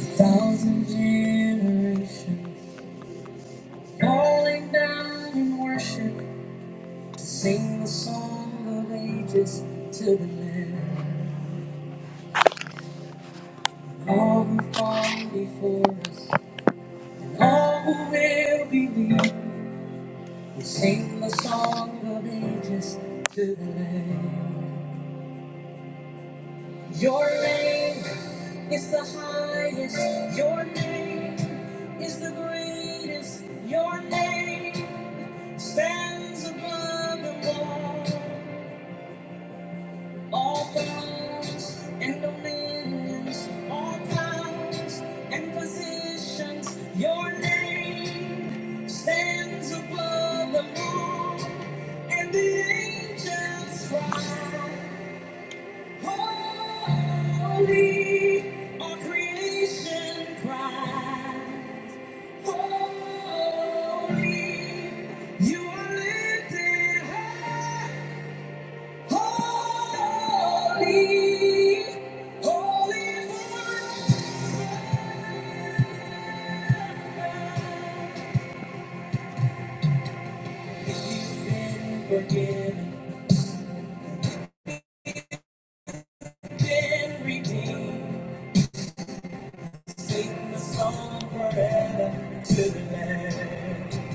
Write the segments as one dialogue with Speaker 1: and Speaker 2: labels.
Speaker 1: Thousand generations falling down in worship to sing the song of ages to the Lamb. All who've gone before us, all who will believe, will sing the song of ages to the Lamb. Your name is the highest. Your name is the greatest. Your name stands above the wall. All thrones and dominions, all powers and positions. Your name stands above the wall, and the angels cry. Holy, all creation cries. Holy, you are lifted high. Holy, holy forever. You've been forgiven, been redeemed. Sing the song forever to the Lamb.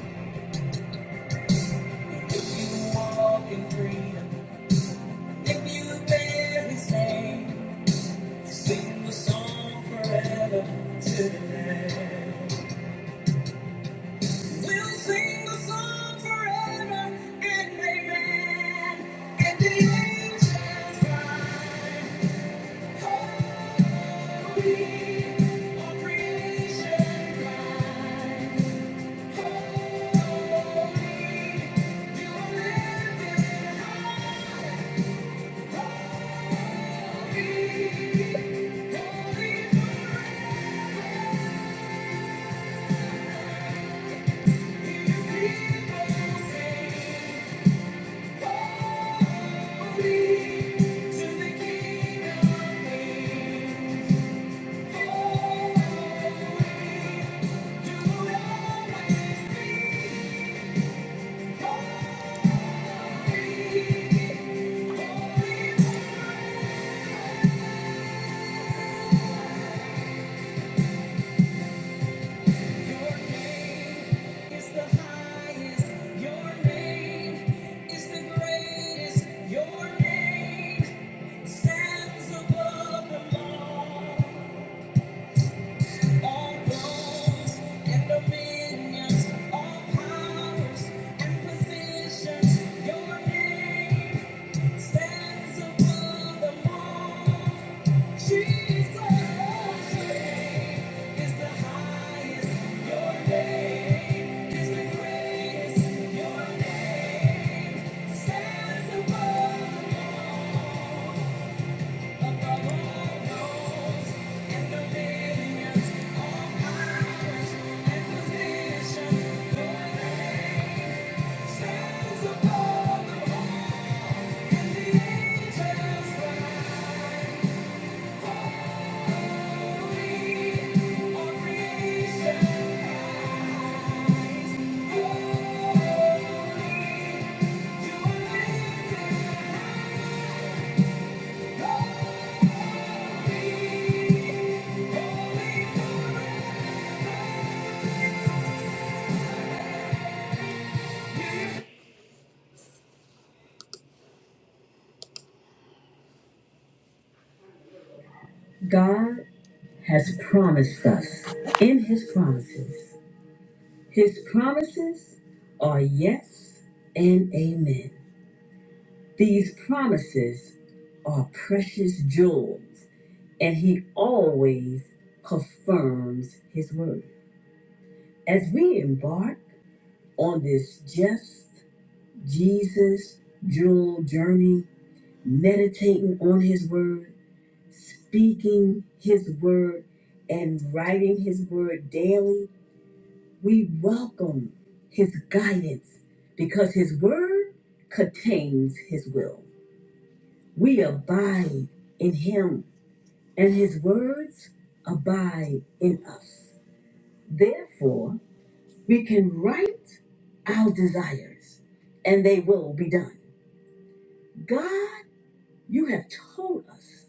Speaker 1: If you walk in freedom. If you dare be sane, sing the song forever to the land. We'll sing the song forever and amen. And the angels cry, holy, all creation cry, holy, you are living holy, holy forever. Thank you. Your name stands above them all. Thank creation. God has promised us in his promises. His promises are yes and amen. These promises are precious jewels, and he always confirms his word. As we embark on this just Jesus jewel journey, meditating on his word, speaking his word and writing his word daily, we welcome his guidance because his word contains his will. We abide in him and his words abide in us. Therefore, we can write our desires and they will be done. God, you have told us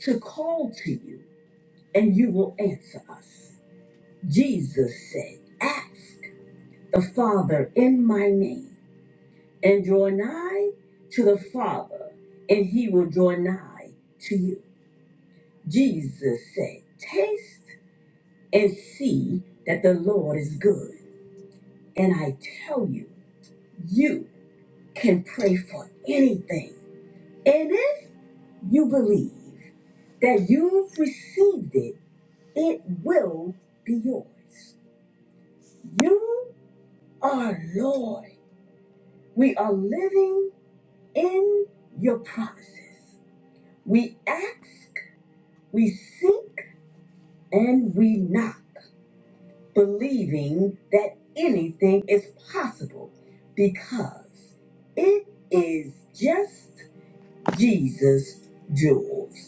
Speaker 1: to call to you and you will answer us. Jesus said, Ask the Father in my name, and draw nigh to the Father, and he will draw nigh to you. Jesus said, Taste and see that the Lord is good. And I tell you, you can pray for anything. And if you believe that you've received it, it will be yours. You are Lord We are living in your promises. We ask, we seek, and we knock, believing that anything is possible because it is just Jesus' jewels.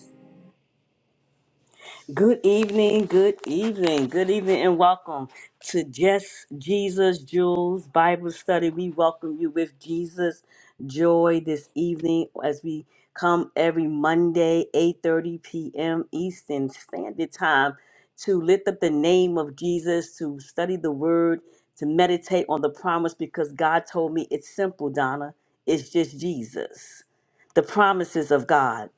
Speaker 1: Good evening, good evening, good evening, and welcome to Just Jesus Jules Bible Study. We welcome you with Jesus joy this evening as we come every Monday, 8:30 p.m. Eastern Standard Time to lift up the name of Jesus, to study the word, to meditate on the promise because God told me it's simple, Donna. It's just Jesus. The promises of God.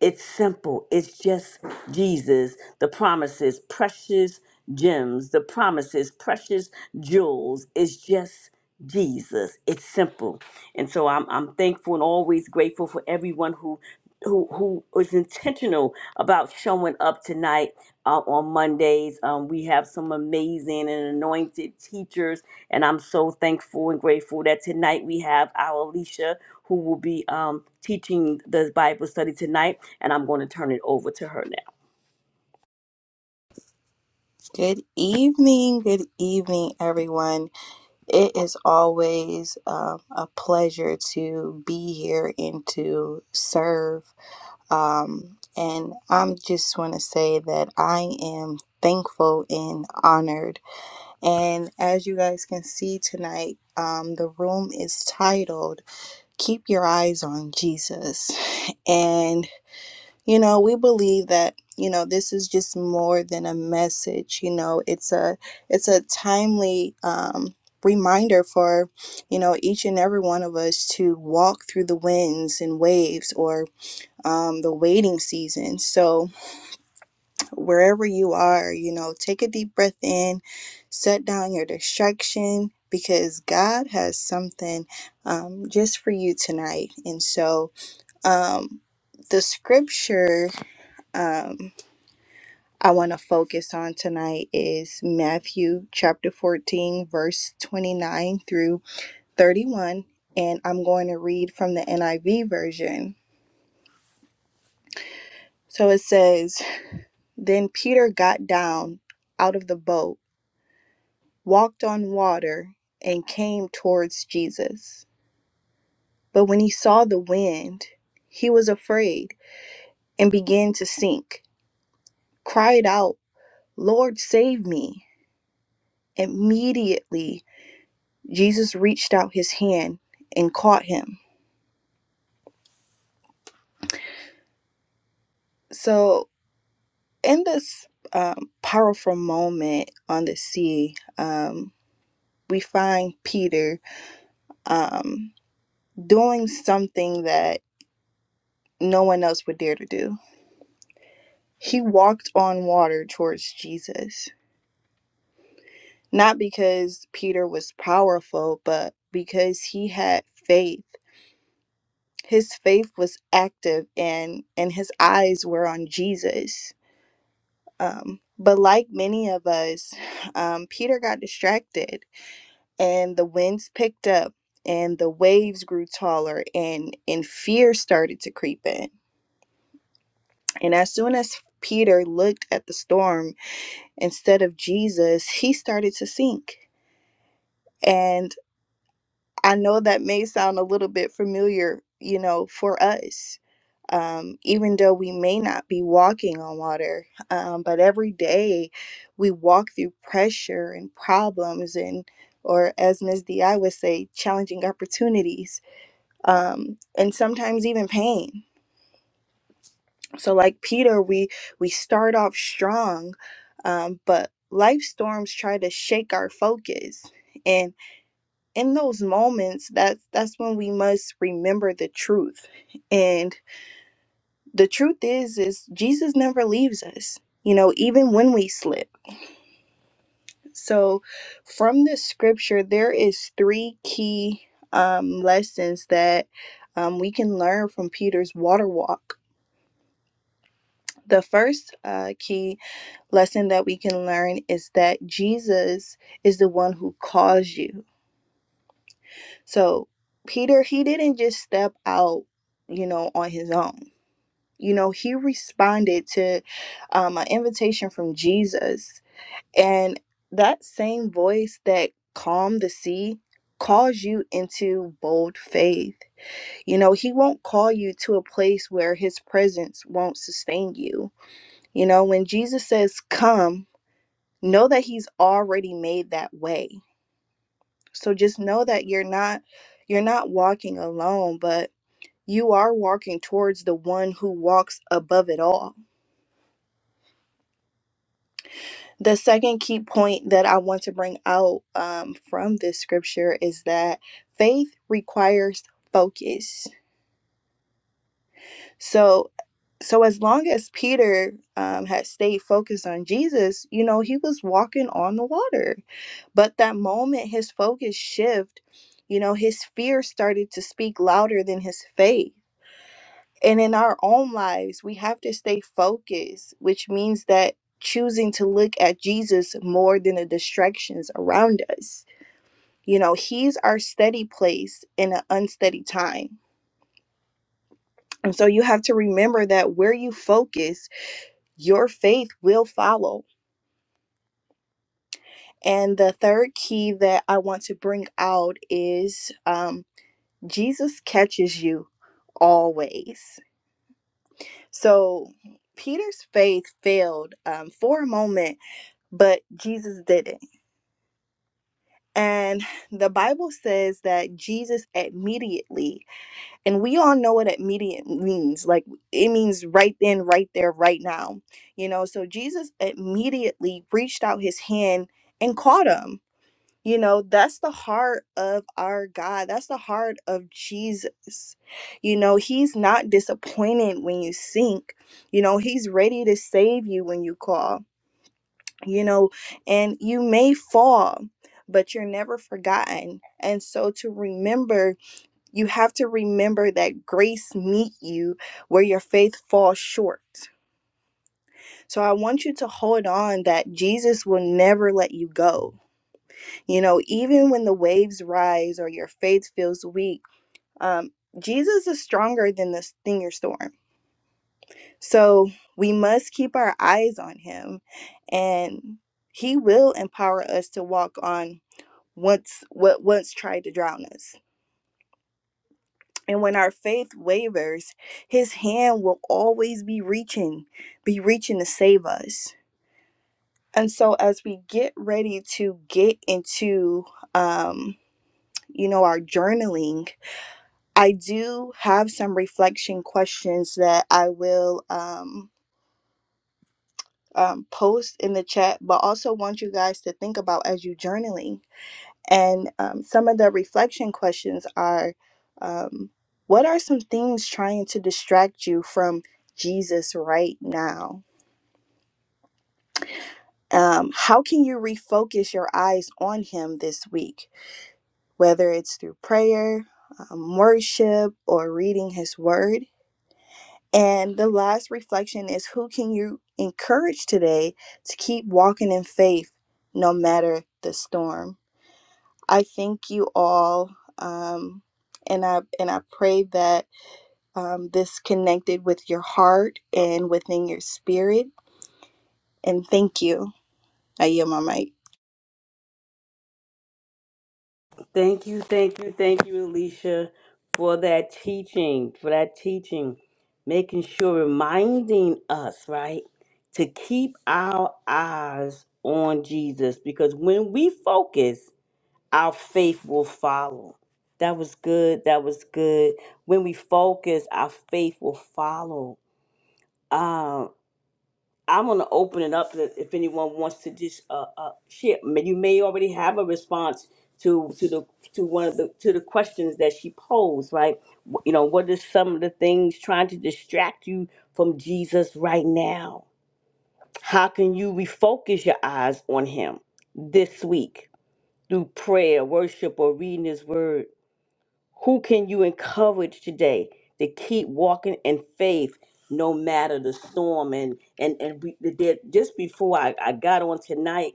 Speaker 1: It's simple. It's just Jesus, the promises, precious gems, the promises, precious jewels. It's just Jesus. It's simple. And so I'm, I'm thankful and always grateful for everyone who who who was intentional about showing up tonight uh, on Mondays. Um, we have some amazing and anointed teachers, and I'm so thankful and grateful that tonight we have our Alicia who will be um, teaching the Bible study tonight, and I'm going to turn it over to her now.
Speaker 2: Good evening, good evening, everyone. It is always um, a pleasure to be here and to serve. Um, and I'm just want to say that I am thankful and honored. And as you guys can see tonight, um, the room is titled "Keep Your Eyes on Jesus," and you know, we believe that, you know, this is just more than a message, you know, it's a it's a timely um reminder for, you know, each and every one of us to walk through the winds and waves or um the waiting season. So, wherever you are, you know, take a deep breath in, set down your distraction because God has something um just for you tonight. And so, um the scripture um I want to focus on tonight is Matthew chapter 14, verse 29 through 31. And I'm going to read from the NIV version. So it says Then Peter got down out of the boat, walked on water, and came towards Jesus. But when he saw the wind, he was afraid and began to sink, cried out, 'Lord, save me. Immediately Jesus reached out his hand and caught him. So, in this um, powerful moment on the sea, um, we find Peter um, doing something that no one else would dare to do. He walked on water towards Jesus, not because Peter was powerful, but because he had faith. His faith was active and and his eyes were on Jesus Um, but like many of us, um, Peter got distracted and the winds picked up and the waves grew taller and, and fear started to creep in. And as soon as Peter looked at the storm instead of Jesus, he started to sink. And I know that may sound a little bit familiar, you know, for us, um, even though we may not be walking on water. Um, but every day we walk through pressure and problems and or as Ms. DI would say, challenging opportunities, um, and sometimes even pain. So like Peter, we we start off strong, um, but life storms try to shake our focus. and in those moments that's that's when we must remember the truth and the truth is is jesus never leaves us you know even when we slip so from the scripture there is three key um, lessons that um, we can learn from peter's water walk the first uh, key lesson that we can learn is that jesus is the one who calls you so peter he didn't just step out you know on his own You know, he responded to um, an invitation from Jesus. And that same voice that calmed the sea calls you into bold faith. You know, he won't call you to a place where his presence won't sustain you. You know, when Jesus says, Come, know that he's already made that way. So just know that you're not you're not walking alone, but you are walking towards the one who walks above it all The second key point that I want to bring out um, from this scripture is that faith requires focus. So, so as long as Peter um, had stayed focused on Jesus, you know, he was walking on the water. But that moment, his focus shift. You know, his fear started to speak louder than his faith and in our own lives, we have to stay focused, which means that choosing to look at Jesus more than the distractions around us. You know, He's our steady place in an unsteady time. And so you have to remember that where you focus, your faith will follow. And the third key that I want to bring out is um, Jesus catches you always. So Peter's faith failed um, for a moment but Jesus didn't. And the Bible says that Jesus immediately, and we all know what immediate means. Like it means right then, right there, right now. You know, so Jesus immediately reached out his hand and caught him. You know, that's the heart of our God. That's the heart of Jesus. You know, he's not disappointed when you sink. You know, he's ready to save you when you call you know, and you may fall, but you're never forgotten. And so to remember, you have to remember that grace meet you where your faith falls short. So I want you to hold on that Jesus will never let you go. You know, even when the waves rise or your faith feels weak, um, Jesus is stronger than this thing your storm. So we must keep our eyes on him and he will empower us to walk on once what once tried to drown us. And when our faith wavers, his hand will always be reaching, be reaching to save us. And so as we get ready to get into um, you know, our journaling, I do have some reflection questions that I will um um, post in the chat, but also want you guys to think about as you journaling And um, some of the reflection questions are um, What are some things trying to distract you from Jesus right now? Um, how can you refocus your eyes on Him this week, whether it's through prayer, um, worship, or reading His Word? And the last reflection is Who can you encourage today to keep walking in faith no matter the storm? I thank you all, um, and I and I pray that um, this connected with your heart and within your spirit. And thank you. I yield my mic.
Speaker 1: Thank you, thank you, thank you, Alicia, for that teaching, for that teaching, making sure, reminding us, right, to keep our eyes on Jesus because when we focus, our faith will follow. That was good. That was good. When we focus, our faith will follow. Um, I want to open it up that if anyone wants to just uh, uh, share. May- You may already have a response to to the to one of the to the questions that she posed, right? Wh- You know, what are some of the things trying to distract you from Jesus right now? How can you refocus your eyes on Him this week through prayer, worship, or reading His Word? Who can you encourage today to keep walking in faith no matter the storm? And and and we, the, the- just before I, I got on tonight,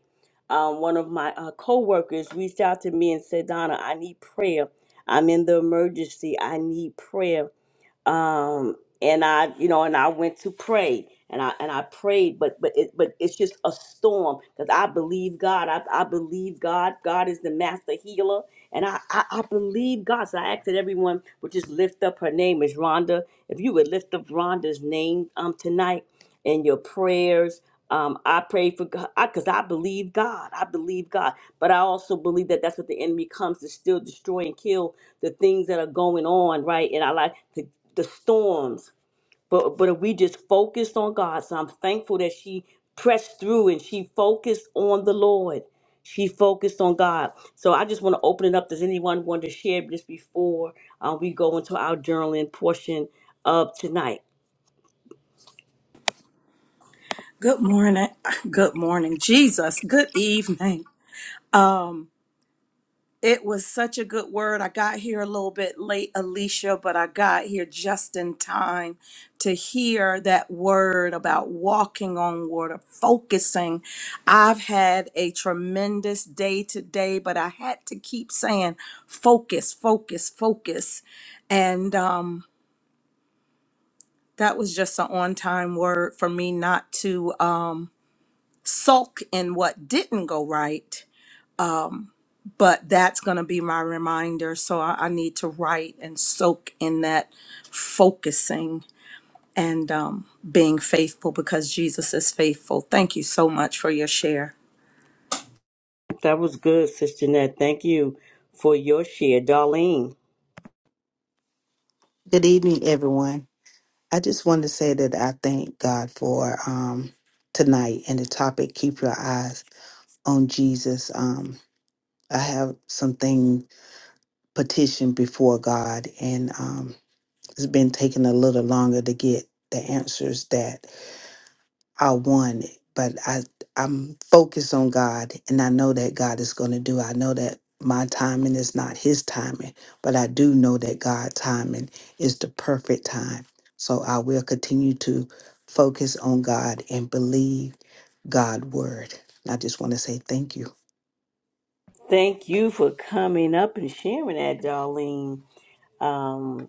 Speaker 1: um, one of my uh, coworkers reached out to me and said, "Donna, I need prayer. I'm in the emergency. I need prayer." um and i you know and i went to pray and i and i prayed but but it but it's just a storm because i believe god I, I believe god god is the master healer and I, I i believe god so i asked that everyone would just lift up her name is rhonda if you would lift up rhonda's name um tonight and your prayers. Um, I pray for God because I, believe God. I believe God, but I also believe that that's what the enemy comes to still destroy and kill the things that are going on right in our life, the, the storms. But but if we just focused on God, so I'm thankful that she pressed through and she focused on the Lord. She focused on God. So I just want to open it up. Does anyone want to share this before uh, we go into our journaling portion of tonight?
Speaker 3: Good morning. Good morning, Jesus. Good evening. It was such a good word. I got here a little bit late, Alicia, but I got here just in time to hear that word about walking on water, focusing. I've had a tremendous day today, but I had to keep saying focus, focus, focus. And um, that was just an on time word for me not to um, sulk in what didn't go right but that's going to be my reminder. So I, I need to write and soak in that focusing and um, being faithful because Jesus is faithful. Thank you so much for your share.
Speaker 1: That was good, Sister Nat. Thank you for your share, Darlene.
Speaker 4: Good evening, everyone. I just wanted to say that I thank God for um, tonight and the topic, Keep Your Eyes on Jesus. Um, I have something petitioned before God, and um, it's been taking a little longer to get the answers that I want it, but I I'm focused on God and I know that God is going to do. I know that my timing is not his timing, but I do know that God's timing is the perfect time. So I will continue to focus on God and believe God's word. I just want to say thank you.
Speaker 1: Thank you for coming up and sharing that, Darlene. Um,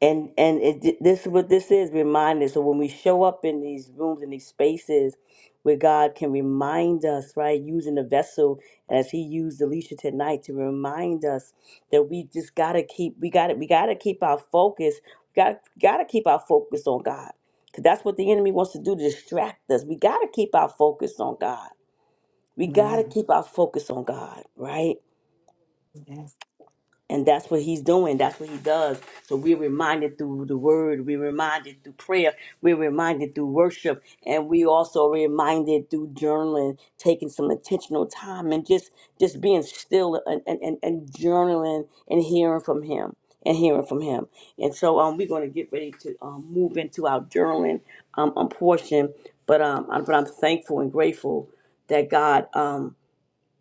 Speaker 1: and and it, this is what this is reminders so when we show up in these rooms in these spaces where god can remind us right using the vessel as he used alicia tonight to remind us that we just gotta keep we gotta we gotta keep our focus we gotta gotta keep our focus on god because that's what the enemy wants to do to distract us we gotta keep our focus on god we gotta
Speaker 4: Man.
Speaker 1: keep our focus on god right and that's what he's doing. That's what he does. So we're reminded through the word. We're reminded through prayer. We're reminded through worship. And we also are reminded through journaling, taking some intentional time and just just being still and, and, and, and journaling and hearing from him and hearing from him. And so um, we're going to get ready to um, move into our journaling um, um, portion. But um, I'm, but I'm thankful and grateful that God. Um,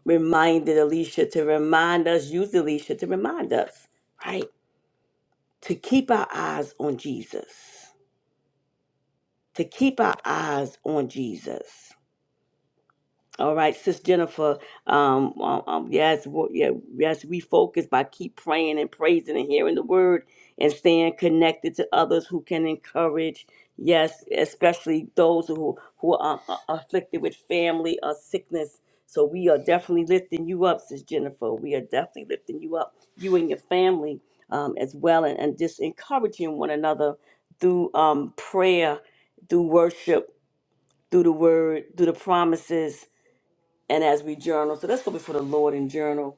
Speaker 1: reminded Alicia to remind us, used Alicia to remind us, right? To keep our eyes on Jesus. To keep our eyes on Jesus. All right, Sis Jennifer. Um, um, um, yes, wo- yeah, yes, we focus by keep praying and praising and hearing the word and staying connected to others who can encourage. Yes, especially those who who are uh, afflicted with family or sickness. So we are definitely lifting you up, Sis Jennifer. We are definitely lifting you up, you and your family um, as well, and, and just encouraging one another through um, prayer, through worship, through the word, through the promises and as we journal. So let's go before the Lord and journal.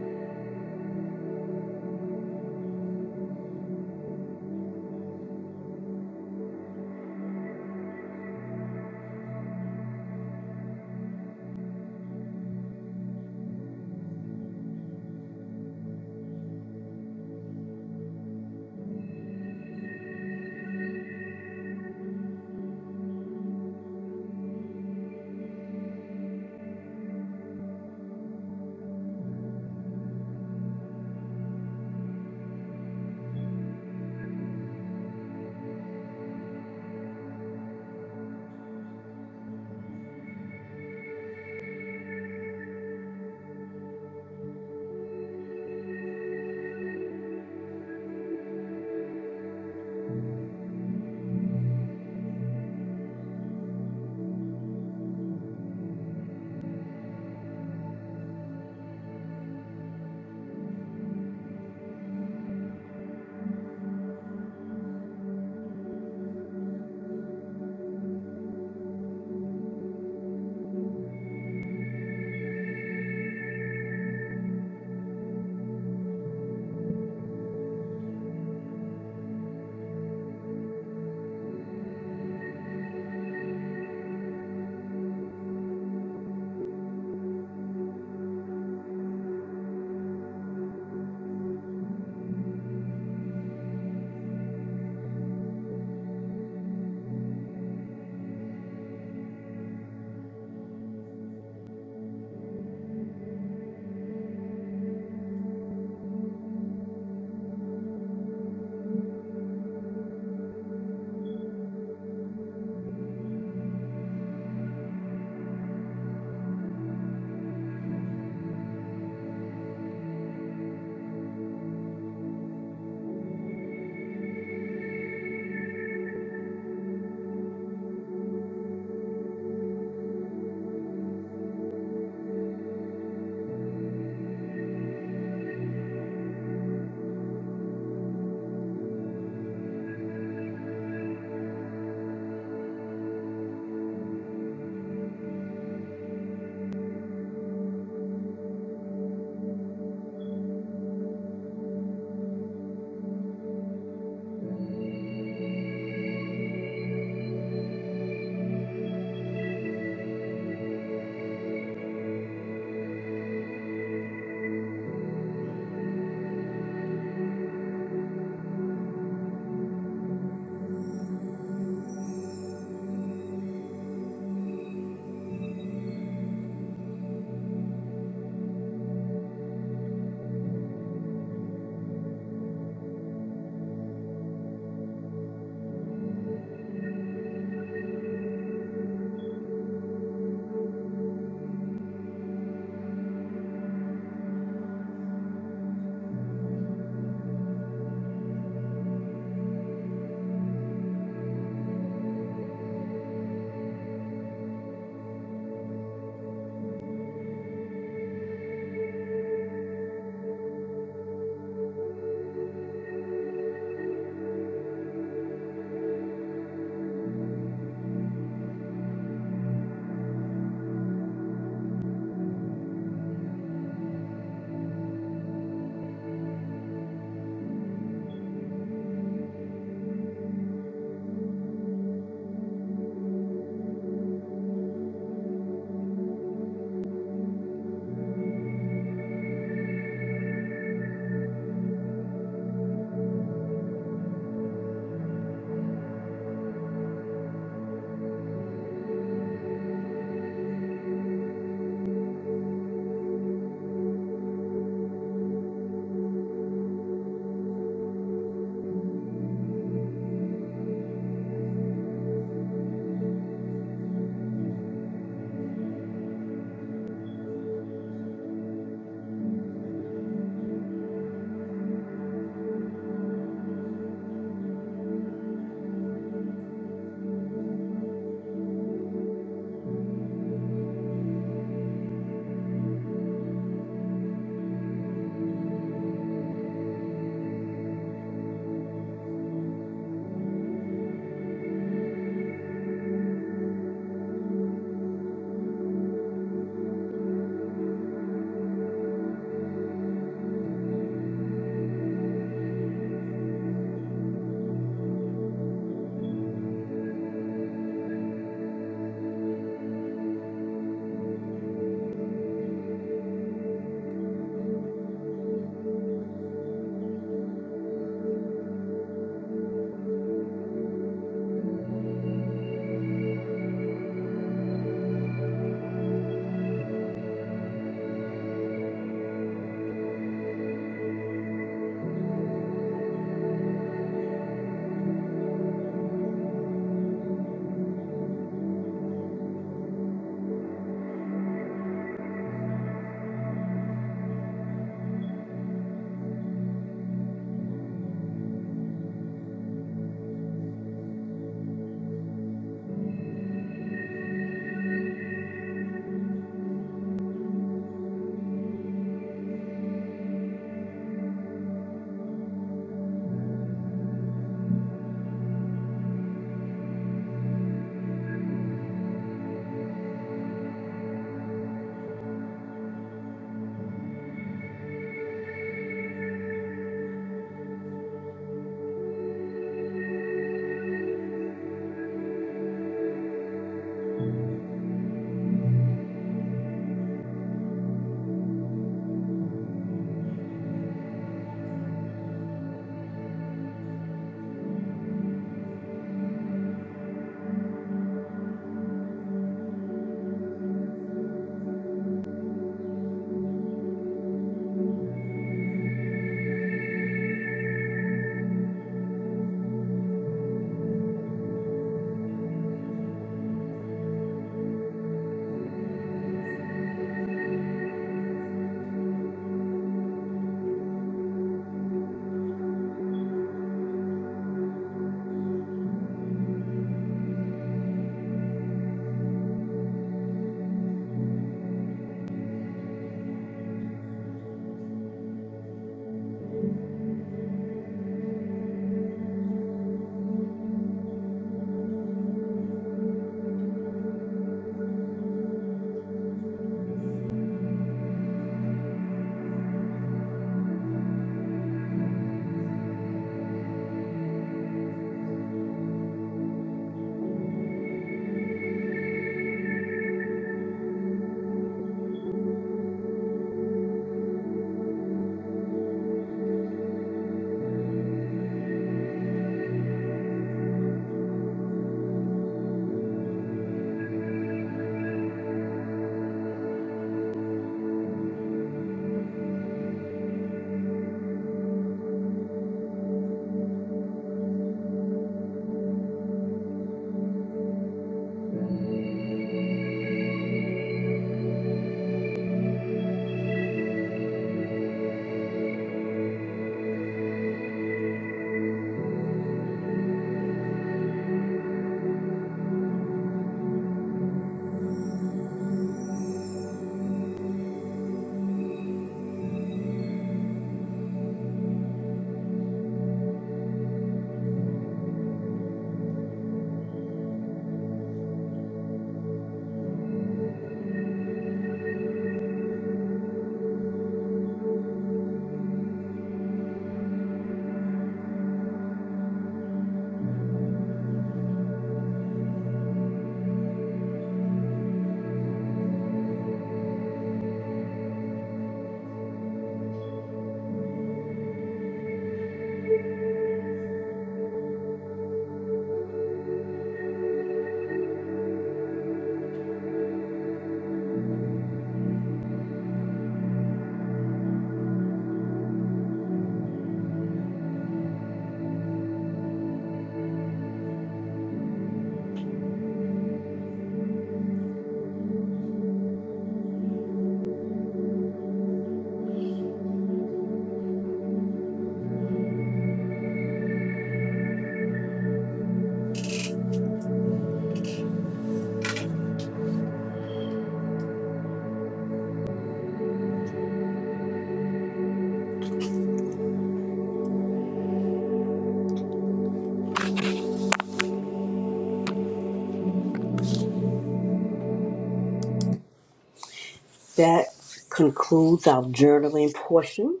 Speaker 1: That concludes our journaling portion.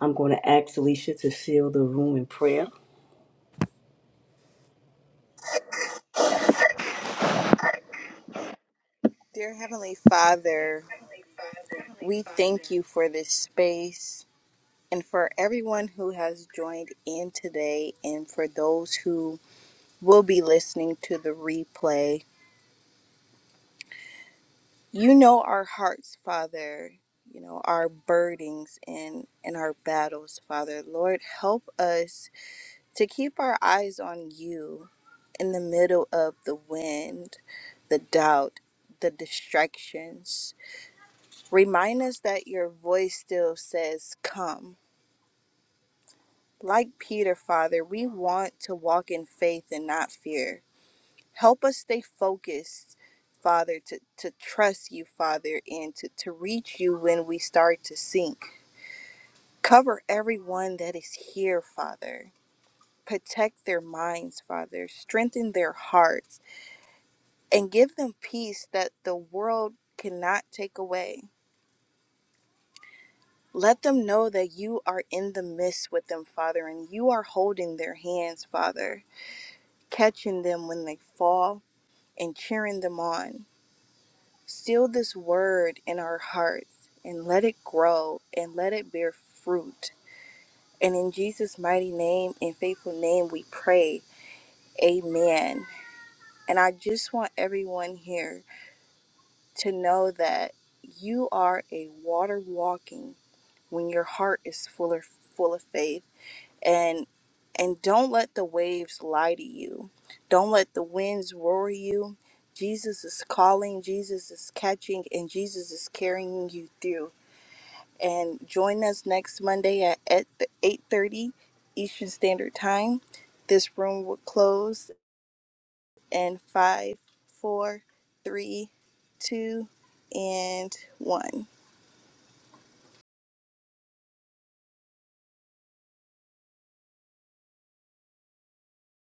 Speaker 1: I'm going to ask Alicia to seal the room in prayer.
Speaker 2: Dear Heavenly Father, we thank you for this space and for everyone who has joined in today, and for those who will be listening to the replay. You know our hearts, Father. You know our burdens and and our battles, Father. Lord, help us to keep our eyes on you in the middle of the wind, the doubt, the distractions. Remind us that your voice still says, "Come." Like Peter, Father, we want to walk in faith and not fear. Help us stay focused, Father, to, to trust you, Father, and to, to reach you when we start to sink. Cover everyone that is here, Father. Protect their minds, Father. Strengthen their hearts and give them peace that the world cannot take away. Let them know that you are in the midst with them, Father, and you are holding their hands, Father, catching them when they fall and cheering them on. Seal this word in our hearts and let it grow and let it bear fruit. And in Jesus' mighty name and faithful name, we pray. Amen. And I just want everyone here to know that you are a water walking when your heart is full of, full of faith. And and don't let the waves lie to you. Don't let the winds roar you. Jesus is calling, Jesus is catching, and Jesus is carrying you through. and join us next Monday at at the 8:30 Eastern Standard Time. This room will close in five, four, three, two, and one.